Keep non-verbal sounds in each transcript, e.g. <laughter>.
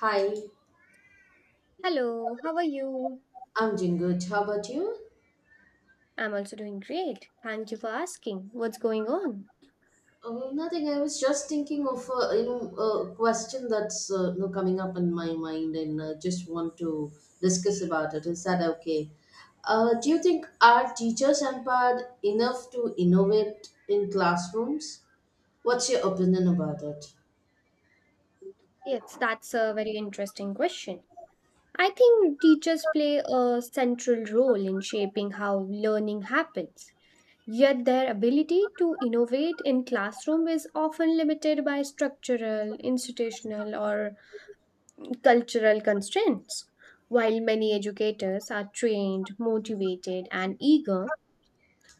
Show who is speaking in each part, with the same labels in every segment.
Speaker 1: Hi,
Speaker 2: Hello, how are you?
Speaker 1: I'm doing good. How about you?
Speaker 2: I'm also doing great. Thank you for asking. What's going on?
Speaker 1: Oh, nothing. I was just thinking of a question that's coming up in my mind, and just want to discuss about it. Is that okay? Do you think are teachers empowered enough to innovate in classrooms? What's your opinion about it?
Speaker 2: Yes, that's a very interesting question. I think teachers play a central role in shaping how learning happens. Yet their ability to innovate in classroom is often limited by structural, institutional, or cultural constraints. While many educators are trained, motivated, and eager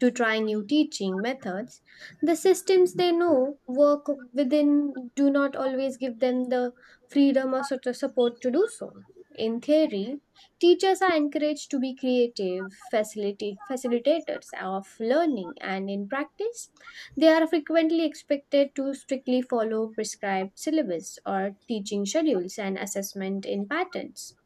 Speaker 2: to try new teaching methods. The systems they know work within do not always give them the freedom or sort of support to do so. In theory, teachers are encouraged to be creative facilitators of learning, and in practice, they are frequently expected to strictly follow prescribed syllabus or teaching schedules and assessment in patterns.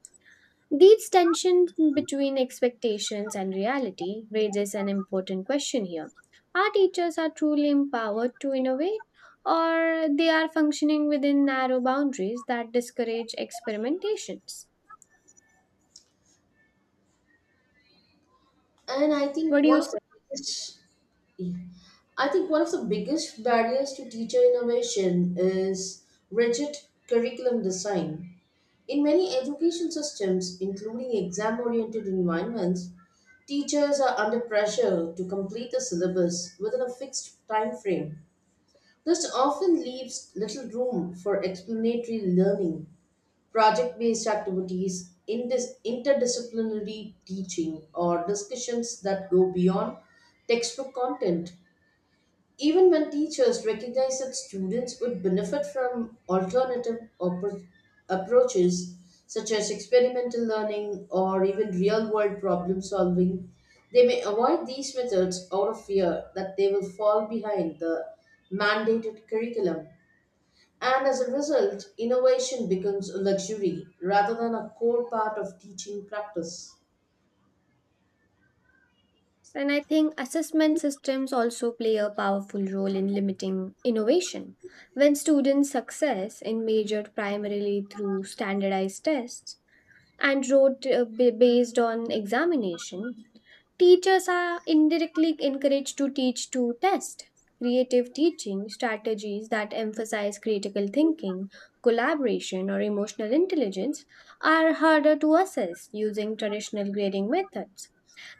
Speaker 2: These tensions between expectations and reality raises an important question here. Are teachers are truly empowered to innovate or they are functioning within narrow boundaries that discourage experimentations?
Speaker 1: And I think
Speaker 2: What do you
Speaker 1: one of
Speaker 2: say?
Speaker 1: the biggest, yeah, I think one of the biggest barriers to teacher innovation is rigid curriculum design. In many education systems, including exam oriented environments, teachers are under pressure to complete the syllabus within a fixed time frame. This often leaves little room for explanatory learning, project based activities, interdisciplinary teaching, or discussions that go beyond textbook content. Even when teachers recognize that students would benefit from alternative approaches such as experimental learning or even real world problem solving, they may avoid these methods out of fear that they will fall behind the mandated curriculum. And as a result, innovation becomes a luxury rather than a core part of teaching practice.
Speaker 2: And I think assessment systems also play a powerful role in limiting innovation. When students' success is measured primarily through standardized tests, and wrote based on examination, teachers are indirectly encouraged to teach to test. Creative teaching strategies that emphasize critical thinking, collaboration, or emotional intelligence are harder to assess using traditional grading methods.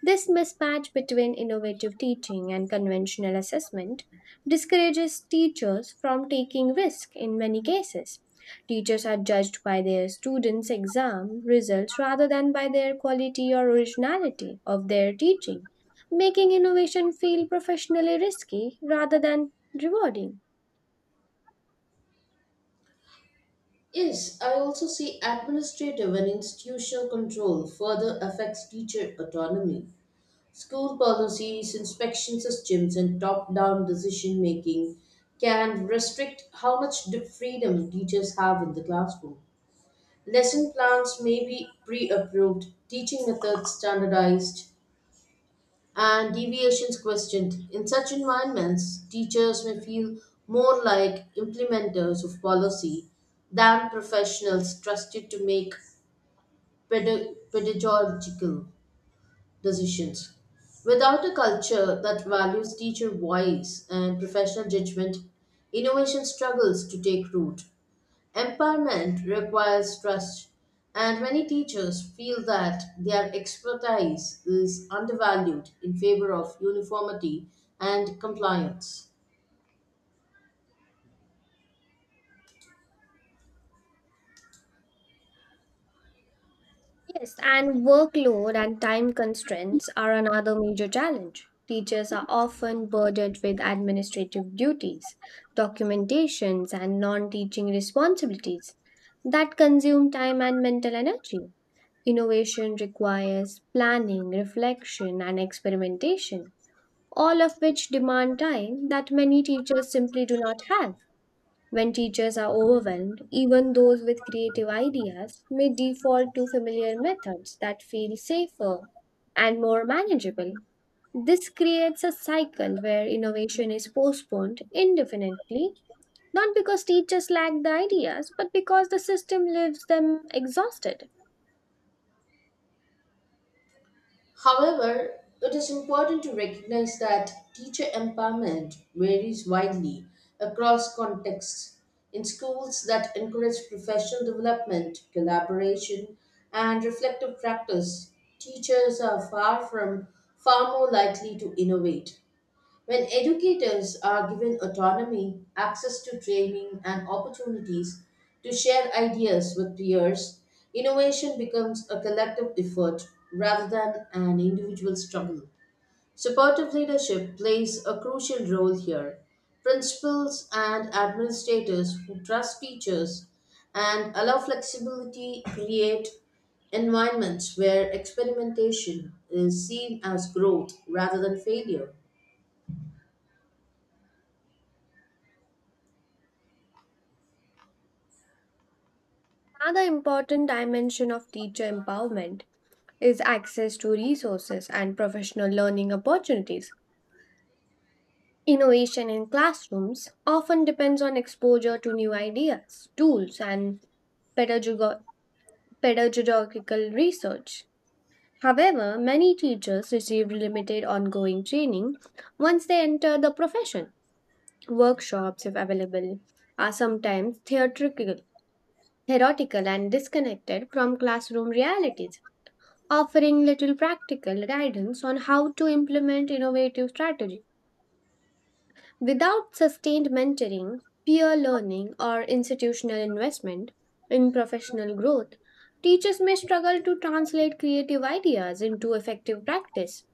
Speaker 2: This mismatch between innovative teaching and conventional assessment discourages teachers from taking risk in many cases. Teachers are judged by their students' exam results rather than by their quality or originality of their teaching, making innovation feel professionally risky rather than rewarding.
Speaker 1: Yes, I also see administrative and institutional control further affects teacher autonomy. School policies, inspection systems, and top down decision making can restrict how much freedom teachers have in the classroom. Lesson plans may be pre approved, teaching methods standardized, and deviations questioned. In such environments, teachers may feel more like implementers of policy than professionals trusted to make pedagogical decisions. Without a culture that values teacher voice and professional judgment, innovation struggles to take root. Empowerment requires trust, and many teachers feel that their expertise is undervalued in favor of uniformity and compliance.
Speaker 2: Yes, and workload and time constraints are another major challenge. Teachers are often burdened with administrative duties, documentations, and non teaching responsibilities that consume time and mental energy. Innovation requires planning, reflection, and experimentation, all of which demand time that many teachers simply do not have. When teachers are overwhelmed, even those with creative ideas may default to familiar methods that feel safer and more manageable. This creates a cycle where innovation is postponed indefinitely, not because teachers lack the ideas, but because the system leaves them exhausted.
Speaker 1: However, it is important to recognize that teacher empowerment varies widely across contexts. In schools that encourage professional development, collaboration, and reflective practice, teachers are far more likely to innovate. When educators are given autonomy, access to training, and opportunities to share ideas with peers, innovation becomes a collective effort rather than an individual struggle. Supportive leadership plays a crucial role here. Principals and administrators who trust teachers and allow flexibility create environments where experimentation is seen as growth rather than failure.
Speaker 2: Another important dimension of teacher empowerment is access to resources and professional learning opportunities. Innovation in classrooms often depends on exposure to new ideas, tools, and pedagogo- pedagogical research. However, many teachers receive limited ongoing training once they enter the profession. Workshops, if available, are sometimes theoretical and disconnected from classroom realities, offering little practical guidance on how to implement innovative strategies. Without sustained mentoring, peer learning, or institutional investment in professional growth, teachers may struggle to translate creative ideas into effective practice.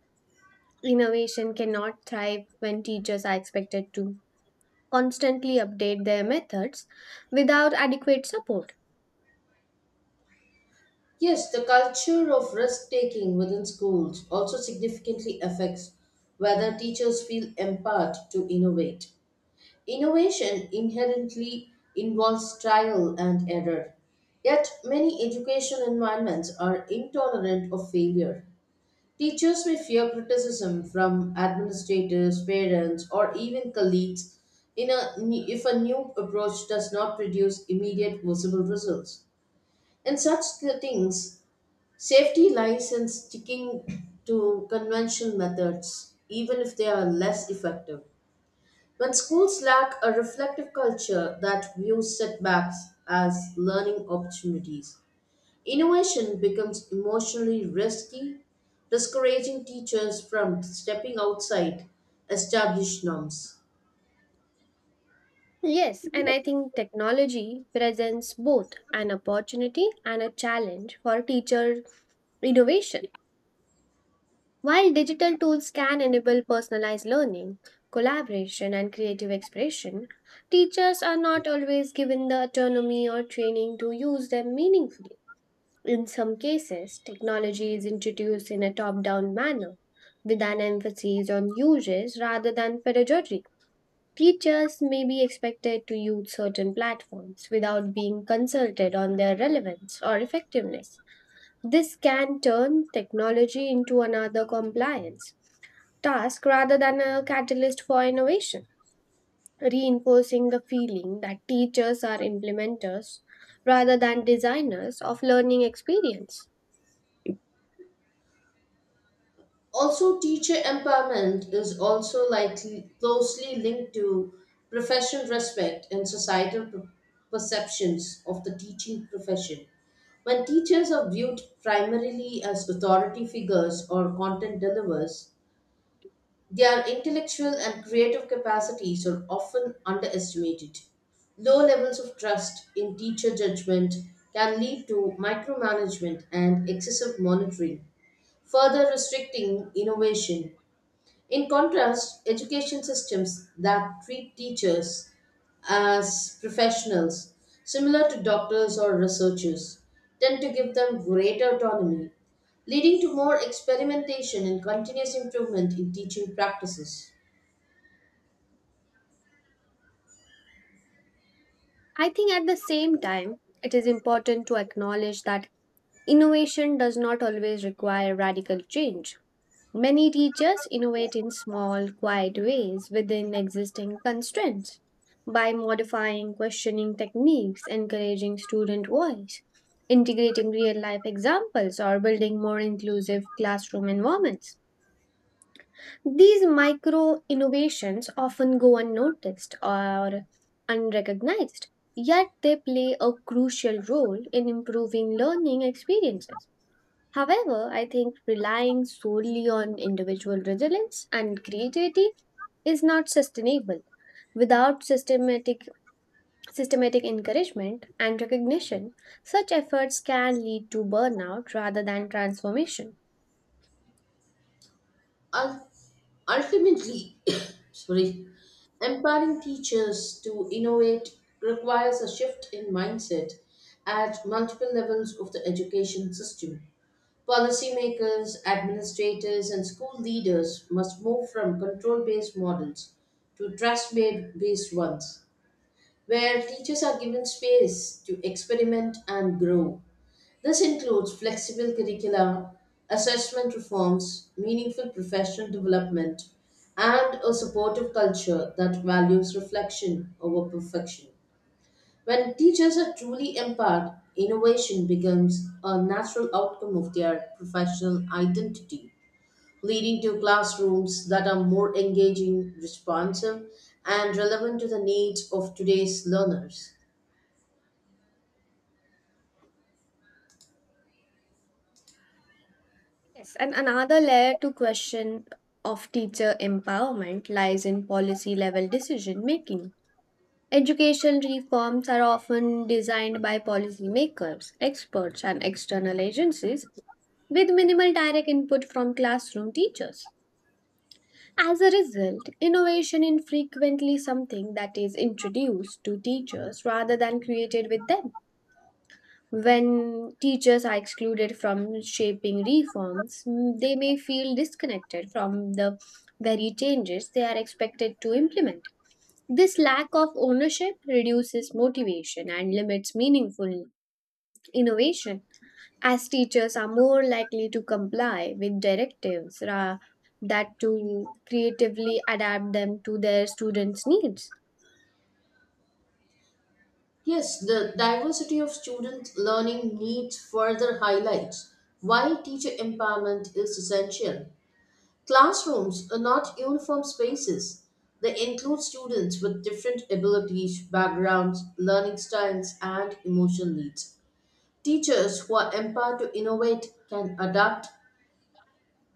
Speaker 2: Innovation cannot thrive when teachers are expected to constantly update their methods without adequate support.
Speaker 1: Yes, the culture of risk taking within schools also significantly affects whether teachers feel empowered to innovate. Innovation inherently involves trial and error. Yet, many education environments are intolerant of failure. Teachers may fear criticism from administrators, parents, or even colleagues if a new approach does not produce immediate visible results. In such settings, safety lies in sticking to conventional methods, even if they are less effective. When schools lack a reflective culture that views setbacks as learning opportunities, innovation becomes emotionally risky, discouraging teachers from stepping outside established norms.
Speaker 2: Yes, and I think technology presents both an opportunity and a challenge for teacher innovation. While digital tools can enable personalized learning, collaboration, and creative expression, teachers are not always given the autonomy or training to use them meaningfully. In some cases, technology is introduced in a top down manner with an emphasis on uses rather than pedagogy. Teachers may be expected to use certain platforms without being consulted on their relevance or effectiveness. This can turn technology into another compliance task rather than a catalyst for innovation, reinforcing the feeling that teachers are implementers rather than designers of learning experience.
Speaker 1: Also, teacher empowerment is also likely closely linked to professional respect and societal perceptions of the teaching profession. When teachers are viewed primarily as authority figures or content deliverers, their intellectual and creative capacities are often underestimated. Low levels of trust in teacher judgment can lead to micromanagement and excessive monitoring, further restricting innovation. In contrast, education systems that treat teachers as professionals, similar to doctors or researchers, tend to give them greater autonomy, leading to more experimentation and continuous improvement in teaching practices.
Speaker 2: I think at the same time, it is important to acknowledge that innovation does not always require radical change. Many teachers innovate in small, quiet ways within existing constraints by modifying questioning techniques, encouraging student voice, integrating real life examples, or building more inclusive classroom environments. These micro innovations often go unnoticed or unrecognized, yet they play a crucial role in improving learning experiences. However, I think relying solely on individual resilience and creativity is not sustainable. Without systematic encouragement and recognition, such efforts can lead to burnout rather than transformation.
Speaker 1: Ul- Ultimately, <coughs> sorry, empowering teachers to innovate requires a shift in mindset at multiple levels of the education system. Policymakers, administrators, and school leaders must move from control based models to trust based ones, where teachers are given space to experiment and grow. This includes flexible curricula, assessment reforms, meaningful professional development, and a supportive culture that values reflection over perfection. When teachers are truly empowered, innovation becomes a natural outcome of their professional identity, leading to classrooms that are more engaging, responsive, and relevant to the needs of today's learners.
Speaker 2: Yes, and another layer to question of teacher empowerment lies in policy level decision making. Education reforms are often designed by policymakers, experts, and external agencies with minimal direct input from classroom teachers. As a result, innovation is frequently something that is introduced to teachers rather than created with them. When teachers are excluded from shaping reforms, they may feel disconnected from the very changes they are expected to implement. This lack of ownership reduces motivation and limits meaningful innovation, as teachers are more likely to comply with directives that to creatively adapt them to their students' needs.
Speaker 1: Yes, the diversity of student learning needs further highlights why teacher empowerment is essential. Classrooms are not uniform spaces. They include students with different abilities, backgrounds, learning styles, and emotional needs. Teachers who are empowered to innovate can adapt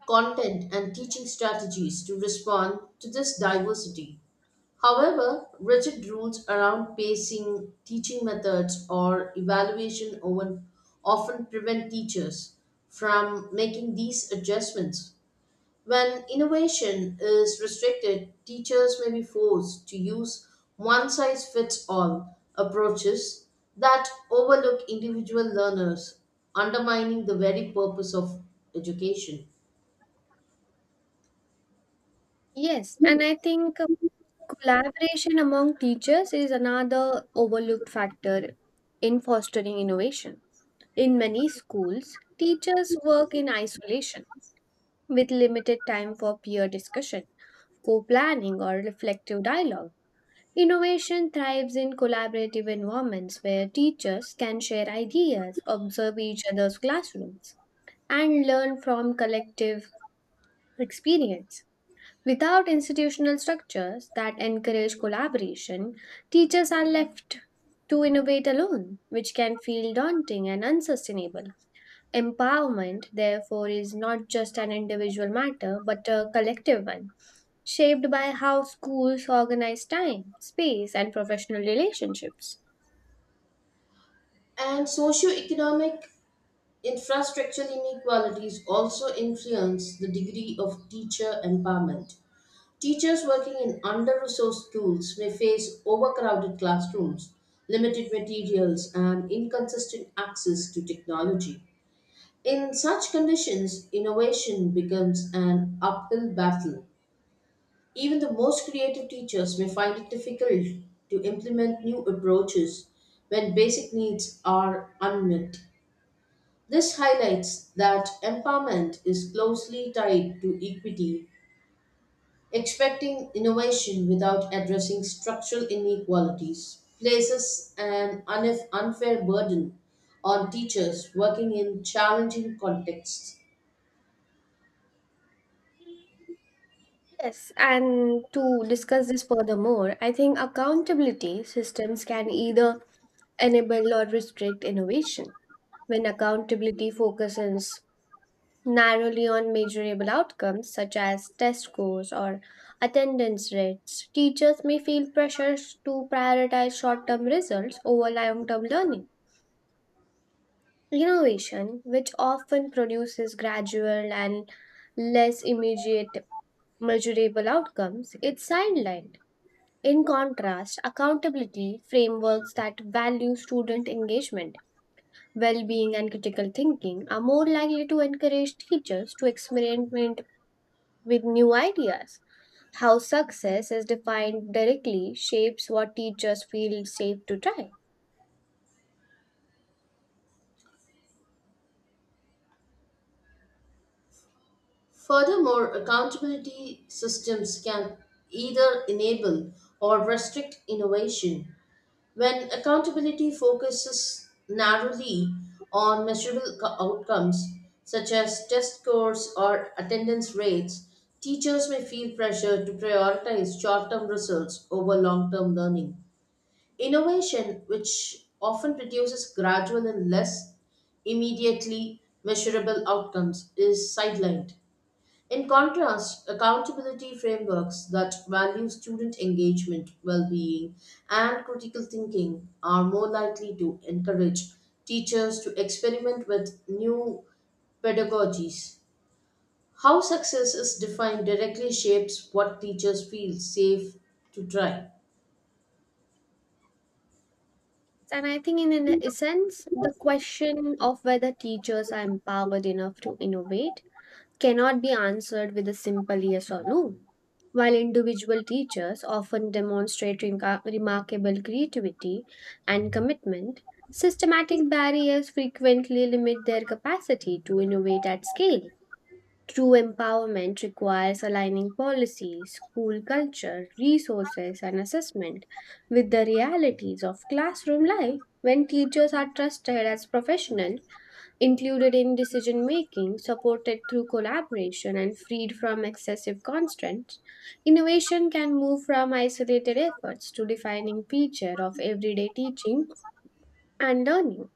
Speaker 1: content and teaching strategies to respond to this diversity. However, rigid rules around pacing, teaching methods, or evaluation often prevent teachers from making these adjustments. When innovation is restricted, teachers may be forced to use one size fits all approaches that overlook individual learners, undermining the very purpose of education.
Speaker 2: Yes, and I think collaboration among teachers is another overlooked factor in fostering innovation. In many schools, teachers work in isolation with limited time for peer discussion, co planning, or reflective dialogue. Innovation thrives in collaborative environments where teachers can share ideas, observe each other's classrooms, and learn from collective experience. Without institutional structures that encourage collaboration, teachers are left to innovate alone, which can feel daunting and unsustainable. Empowerment, therefore, is not just an individual matter but a collective one shaped by how schools organize time, space, and professional relationships.
Speaker 1: And socio-economic infrastructural inequalities also influence the degree of teacher empowerment. Teachers working in under-resourced schools may face overcrowded classrooms, limited materials, and inconsistent access to technology. In such conditions, innovation becomes an uphill battle. Even the most creative teachers may find it difficult to implement new approaches when basic needs are unmet. This highlights that empowerment is closely tied to equity. Expecting innovation without addressing structural inequalities places an unfair burden on teachers working in challenging contexts.
Speaker 2: Yes, and to discuss this furthermore, I think accountability systems can either enable or restrict innovation. When accountability focuses narrowly on measurable outcomes such as test scores or attendance rates, teachers may feel pressures to prioritize short term results over long term learning. Innovation, which often produces gradual and less immediate measurable outcomes, is sidelined. In contrast, accountability frameworks that value student engagement, well being, and critical thinking are more likely to encourage teachers to experiment with new ideas. How success is defined directly shapes what teachers feel safe to try.
Speaker 1: Furthermore, accountability systems can either enable or restrict innovation. When accountability focuses narrowly on measurable outcomes, such as test scores or attendance rates, teachers may feel pressure to prioritize short term results over long term learning. Innovation, which often produces gradual and less immediately measurable outcomes, is sidelined. In contrast, accountability frameworks that value student engagement, well being, and critical thinking are more likely to encourage teachers to experiment with new pedagogies. How success is defined directly shapes what teachers feel safe to try.
Speaker 2: And I think, in an essence, the question of whether teachers are empowered enough to innovate cannot be answered with a simple yes or no. While individual teachers often demonstrate remarkable creativity and commitment, systematic barriers frequently limit their capacity to innovate at scale. True empowerment requires aligning policies, school culture, resources, and assessment with the realities of classroom life. When teachers are trusted as professionals, included in decision making, supported through collaboration, and freed from excessive constraints, innovation can move from isolated efforts to defining feature of everyday teaching and learning.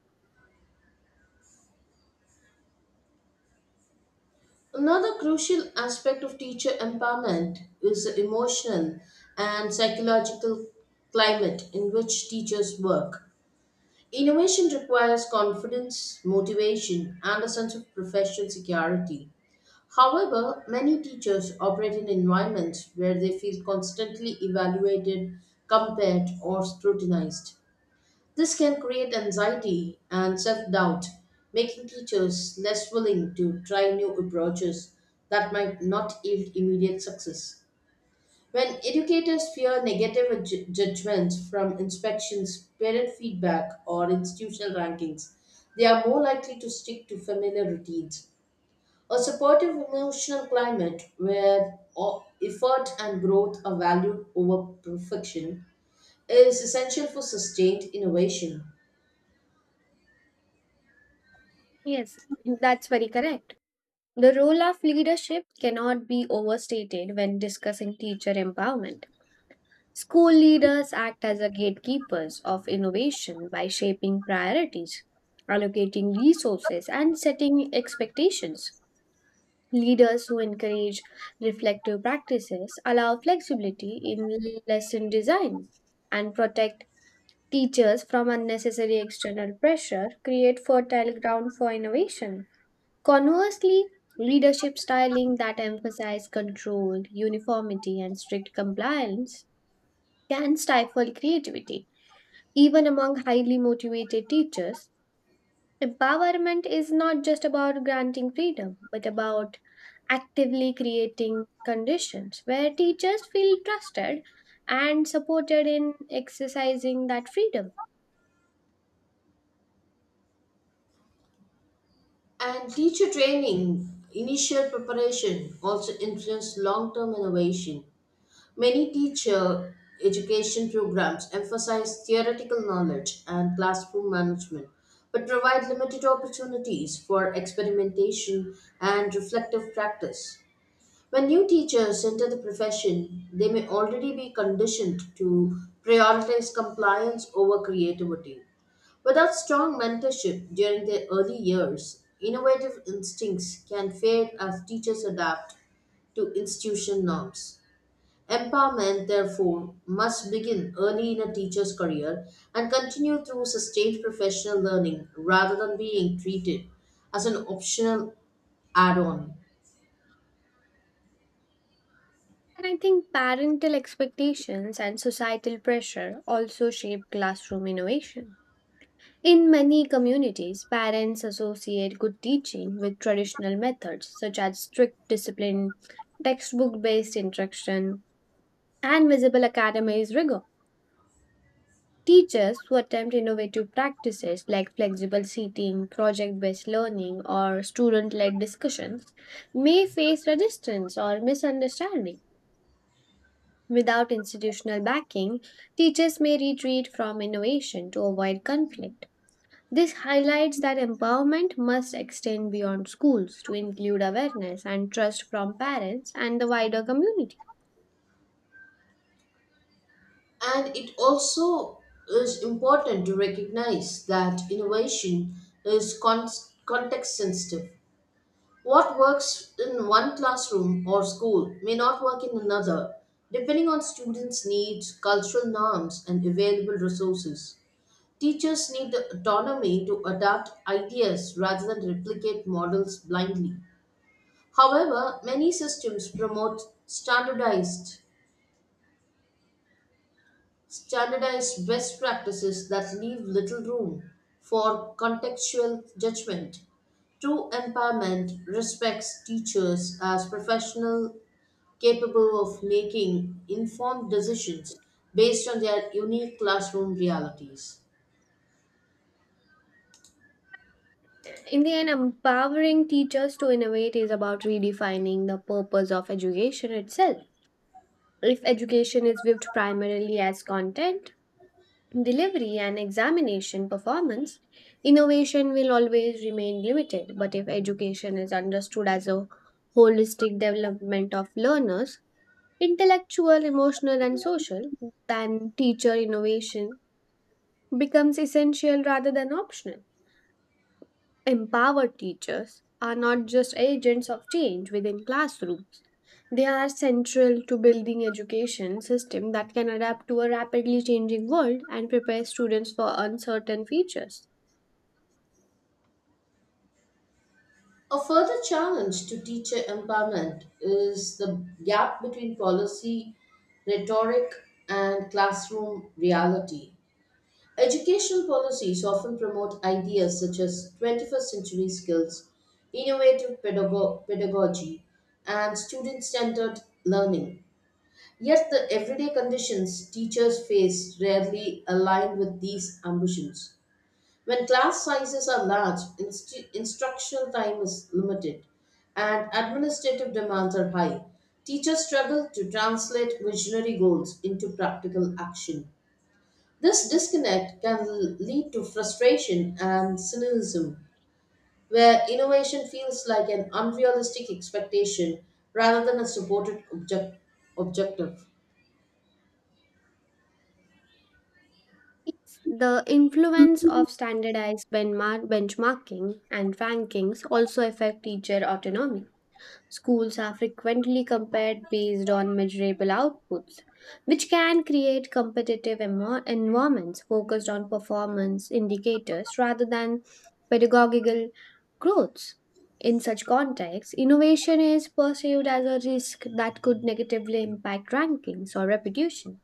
Speaker 1: Another crucial aspect of teacher empowerment is the emotional and psychological climate in which teachers work. Innovation requires confidence, motivation, and a sense of professional security. However, many teachers operate in environments where they feel constantly evaluated, compared, or scrutinized. This can create anxiety and self doubt, making teachers less willing to try new approaches that might not yield immediate success. When educators fear negative judgments from inspections, parent feedback, or institutional rankings, they are more likely to stick to familiar routines. A supportive emotional climate where effort and growth are valued over perfection is essential for sustained innovation.
Speaker 2: Yes, that's very correct. The role of leadership cannot be overstated when discussing teacher empowerment. School leaders act as a gatekeepers of innovation by shaping priorities, allocating resources, and setting expectations. Leaders who encourage reflective practices allow flexibility in lesson design and protect teachers from unnecessary external pressure, create fertile ground for innovation. Conversely, leadership styling that emphasize control, uniformity, and strict compliance can stifle creativity. Even among highly motivated teachers, empowerment is not just about granting freedom, but about actively creating conditions where teachers feel trusted and supported in exercising that freedom.
Speaker 1: And teacher training, initial preparation also influence long-term innovation. Many teacher education programs emphasize theoretical knowledge and classroom management, but provide limited opportunities for experimentation and reflective practice. When new teachers enter the profession, they may already be conditioned to prioritize compliance over creativity. Without strong mentorship during their early years, innovative instincts can fade as teachers adapt to institution norms. Empowerment, therefore, must begin early in a teacher's career and continue through sustained professional learning rather than being treated as an optional add on.
Speaker 2: And I think parental expectations and societal pressure also shape classroom innovation. In many communities, parents associate good teaching with traditional methods such as strict discipline, textbook based instruction, and visible academic rigor. Teachers who attempt innovative practices like flexible seating, project based learning, or student led discussions may face resistance or misunderstanding. Without institutional backing, teachers may retreat from innovation to avoid conflict. This highlights that empowerment must extend beyond schools to include awareness and trust from parents and the wider community.
Speaker 1: And it also is important to recognize that innovation is context sensitive. What works in one classroom or school may not work in another, depending on students' needs, cultural norms, and available resources. Teachers need the autonomy to adapt ideas rather than replicate models blindly. However, many systems promote standardize best practices that leave little room for contextual judgment. True empowerment respects teachers as professionals capable of making informed decisions based on their unique classroom realities.
Speaker 2: In the end, empowering teachers to innovate is about redefining the purpose of education itself. If education is viewed primarily as content, delivery, and examination performance, innovation will always remain limited. But if education is understood as a holistic development of learners, intellectual, emotional, and social, then teacher innovation becomes essential rather than optional. Empowered teachers are not just agents of change within classrooms. They are central to building education system that can adapt to a rapidly changing world and prepare students for uncertain futures.
Speaker 1: A further challenge to teacher empowerment is the gap between policy rhetoric and classroom reality. Education policies often promote ideas such as 21st century skills, innovative pedagogy, and student centered learning. Yet, the everyday conditions teachers face rarely align with these ambitions. When class sizes are large, instructional time is limited, and administrative demands are high, teachers struggle to translate visionary goals into practical action. This disconnect can lead to frustration and cynicism, where innovation feels like an unrealistic expectation rather than a supported objective.
Speaker 2: Yes, the influence of standardized benchmarking and rankings also affect teacher autonomy. Schools are frequently compared based on measurable outputs, which can create competitive environments focused on performance indicators rather than pedagogical growths. In such contexts, innovation is perceived as a risk that could negatively impact rankings or reputation.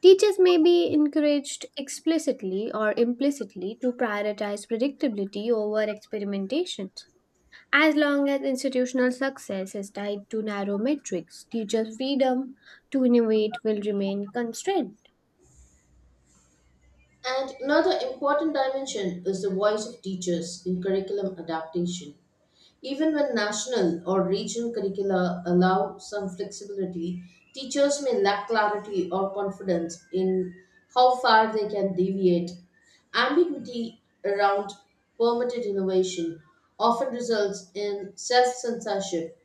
Speaker 2: Teachers may be encouraged explicitly or implicitly to prioritize predictability over experimentation as long as institutional success is tied to narrow metrics, teacher freedom to innovate will remain constrained.
Speaker 1: And another important dimension is the voice of teachers in curriculum adaptation. Even when national or regional curricula allow some flexibility, teachers may lack clarity or confidence in how far they can deviate. Ambiguity around permitted innovation often results in self censorship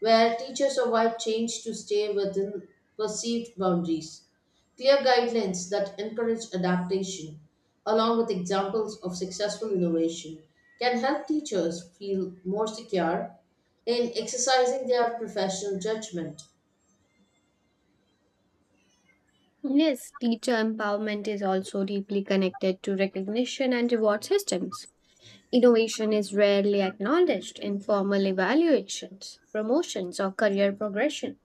Speaker 1: where teachers avoid change to stay within perceived boundaries. Clear guidelines that encourage adaptation, along with examples of successful innovation, can help teachers feel more secure in exercising their professional judgment.
Speaker 2: Yes, teacher empowerment is also deeply connected to recognition and reward systems. Innovation is rarely acknowledged in formal evaluations, promotions, or career progression.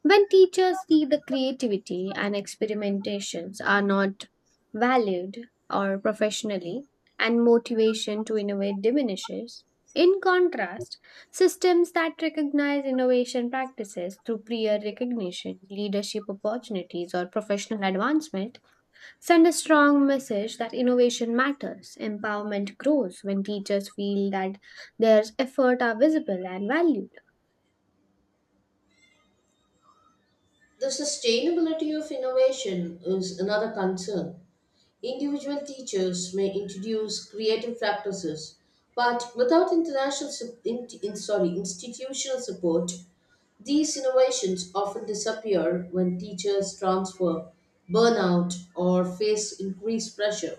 Speaker 2: When teachers see the creativity and experimentations are not valued or professionally and motivation to innovate diminishes, in contrast, systems that recognize innovation practices through peer recognition, leadership opportunities, or professional advancement send a strong message that innovation matters. Empowerment grows when teachers feel that their efforts are visible and valued.
Speaker 1: The sustainability of innovation is another concern. Individual teachers may introduce creative practices, but without international, sup- in- sorry, institutional support, these innovations often disappear when teachers transfer, burn out, or face increased pressure.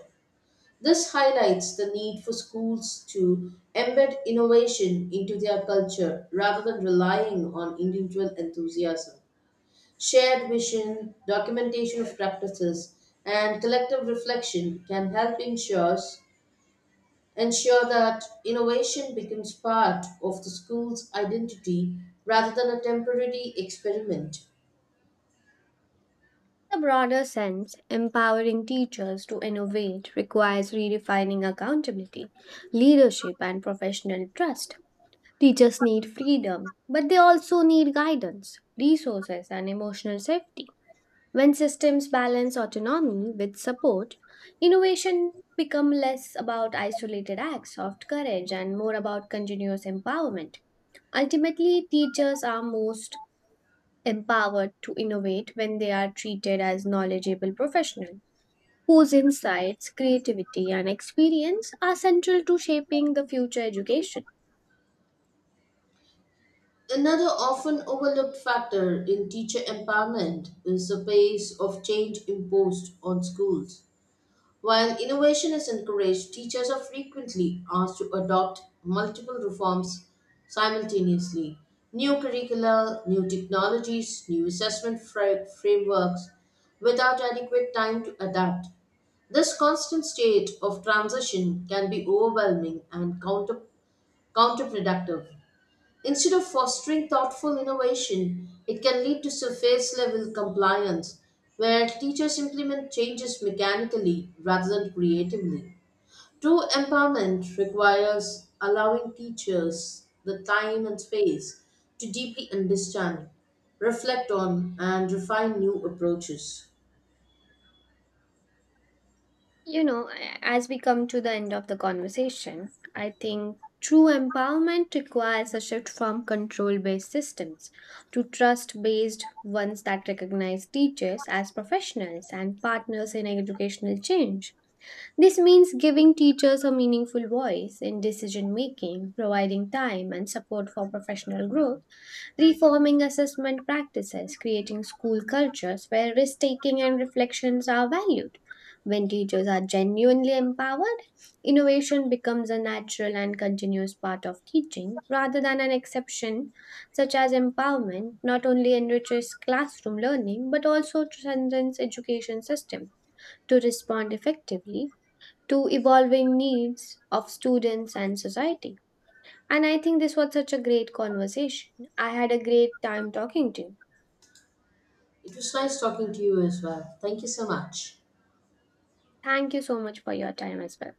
Speaker 1: This highlights the need for schools to embed innovation into their culture rather than relying on individual enthusiasm. Shared vision, documentation of practices, and collective reflection can help ensure that innovation becomes part of the school's identity rather than a temporary experiment.
Speaker 2: In a broader sense, empowering teachers to innovate requires redefining accountability, leadership, and professional trust. Teachers need freedom, but they also need guidance, resources, and emotional safety. When systems balance autonomy with support, innovation becomes less about isolated acts of courage and more about continuous empowerment. Ultimately, teachers are most empowered to innovate when they are treated as knowledgeable professionals whose insights, creativity, and experience are central to shaping the future education.
Speaker 1: Another often overlooked factor in teacher empowerment is the pace of change imposed on schools. While innovation is encouraged, teachers are frequently asked to adopt multiple reforms simultaneously. New curricula, new technologies, new assessment frameworks, without adequate time to adapt. This constant state of transition can be overwhelming and counterproductive. Instead of fostering thoughtful innovation, it can lead to surface level compliance, where teachers implement changes mechanically rather than creatively. True empowerment requires allowing teachers the time and space to deeply understand, reflect on, and refine new approaches.
Speaker 2: You know, as we come to the end of the conversation, I think true empowerment requires a shift from control based systems to trust based ones that recognize teachers as professionals and partners in educational change. This means giving teachers a meaningful voice in decision making, providing time and support for professional growth reforming assessment practices, creating school cultures where risk taking and reflections are valued. When teachers are genuinely empowered, innovation becomes a natural and continuous part of teaching rather than an exception, such as empowerment not only enriches classroom learning but also transcends education system to respond effectively to evolving needs of students and society. And I think this was such a great conversation. I had a great time talking to you.
Speaker 1: It was nice talking to you as well. Thank you so much.
Speaker 2: Thank you so much for your time as well.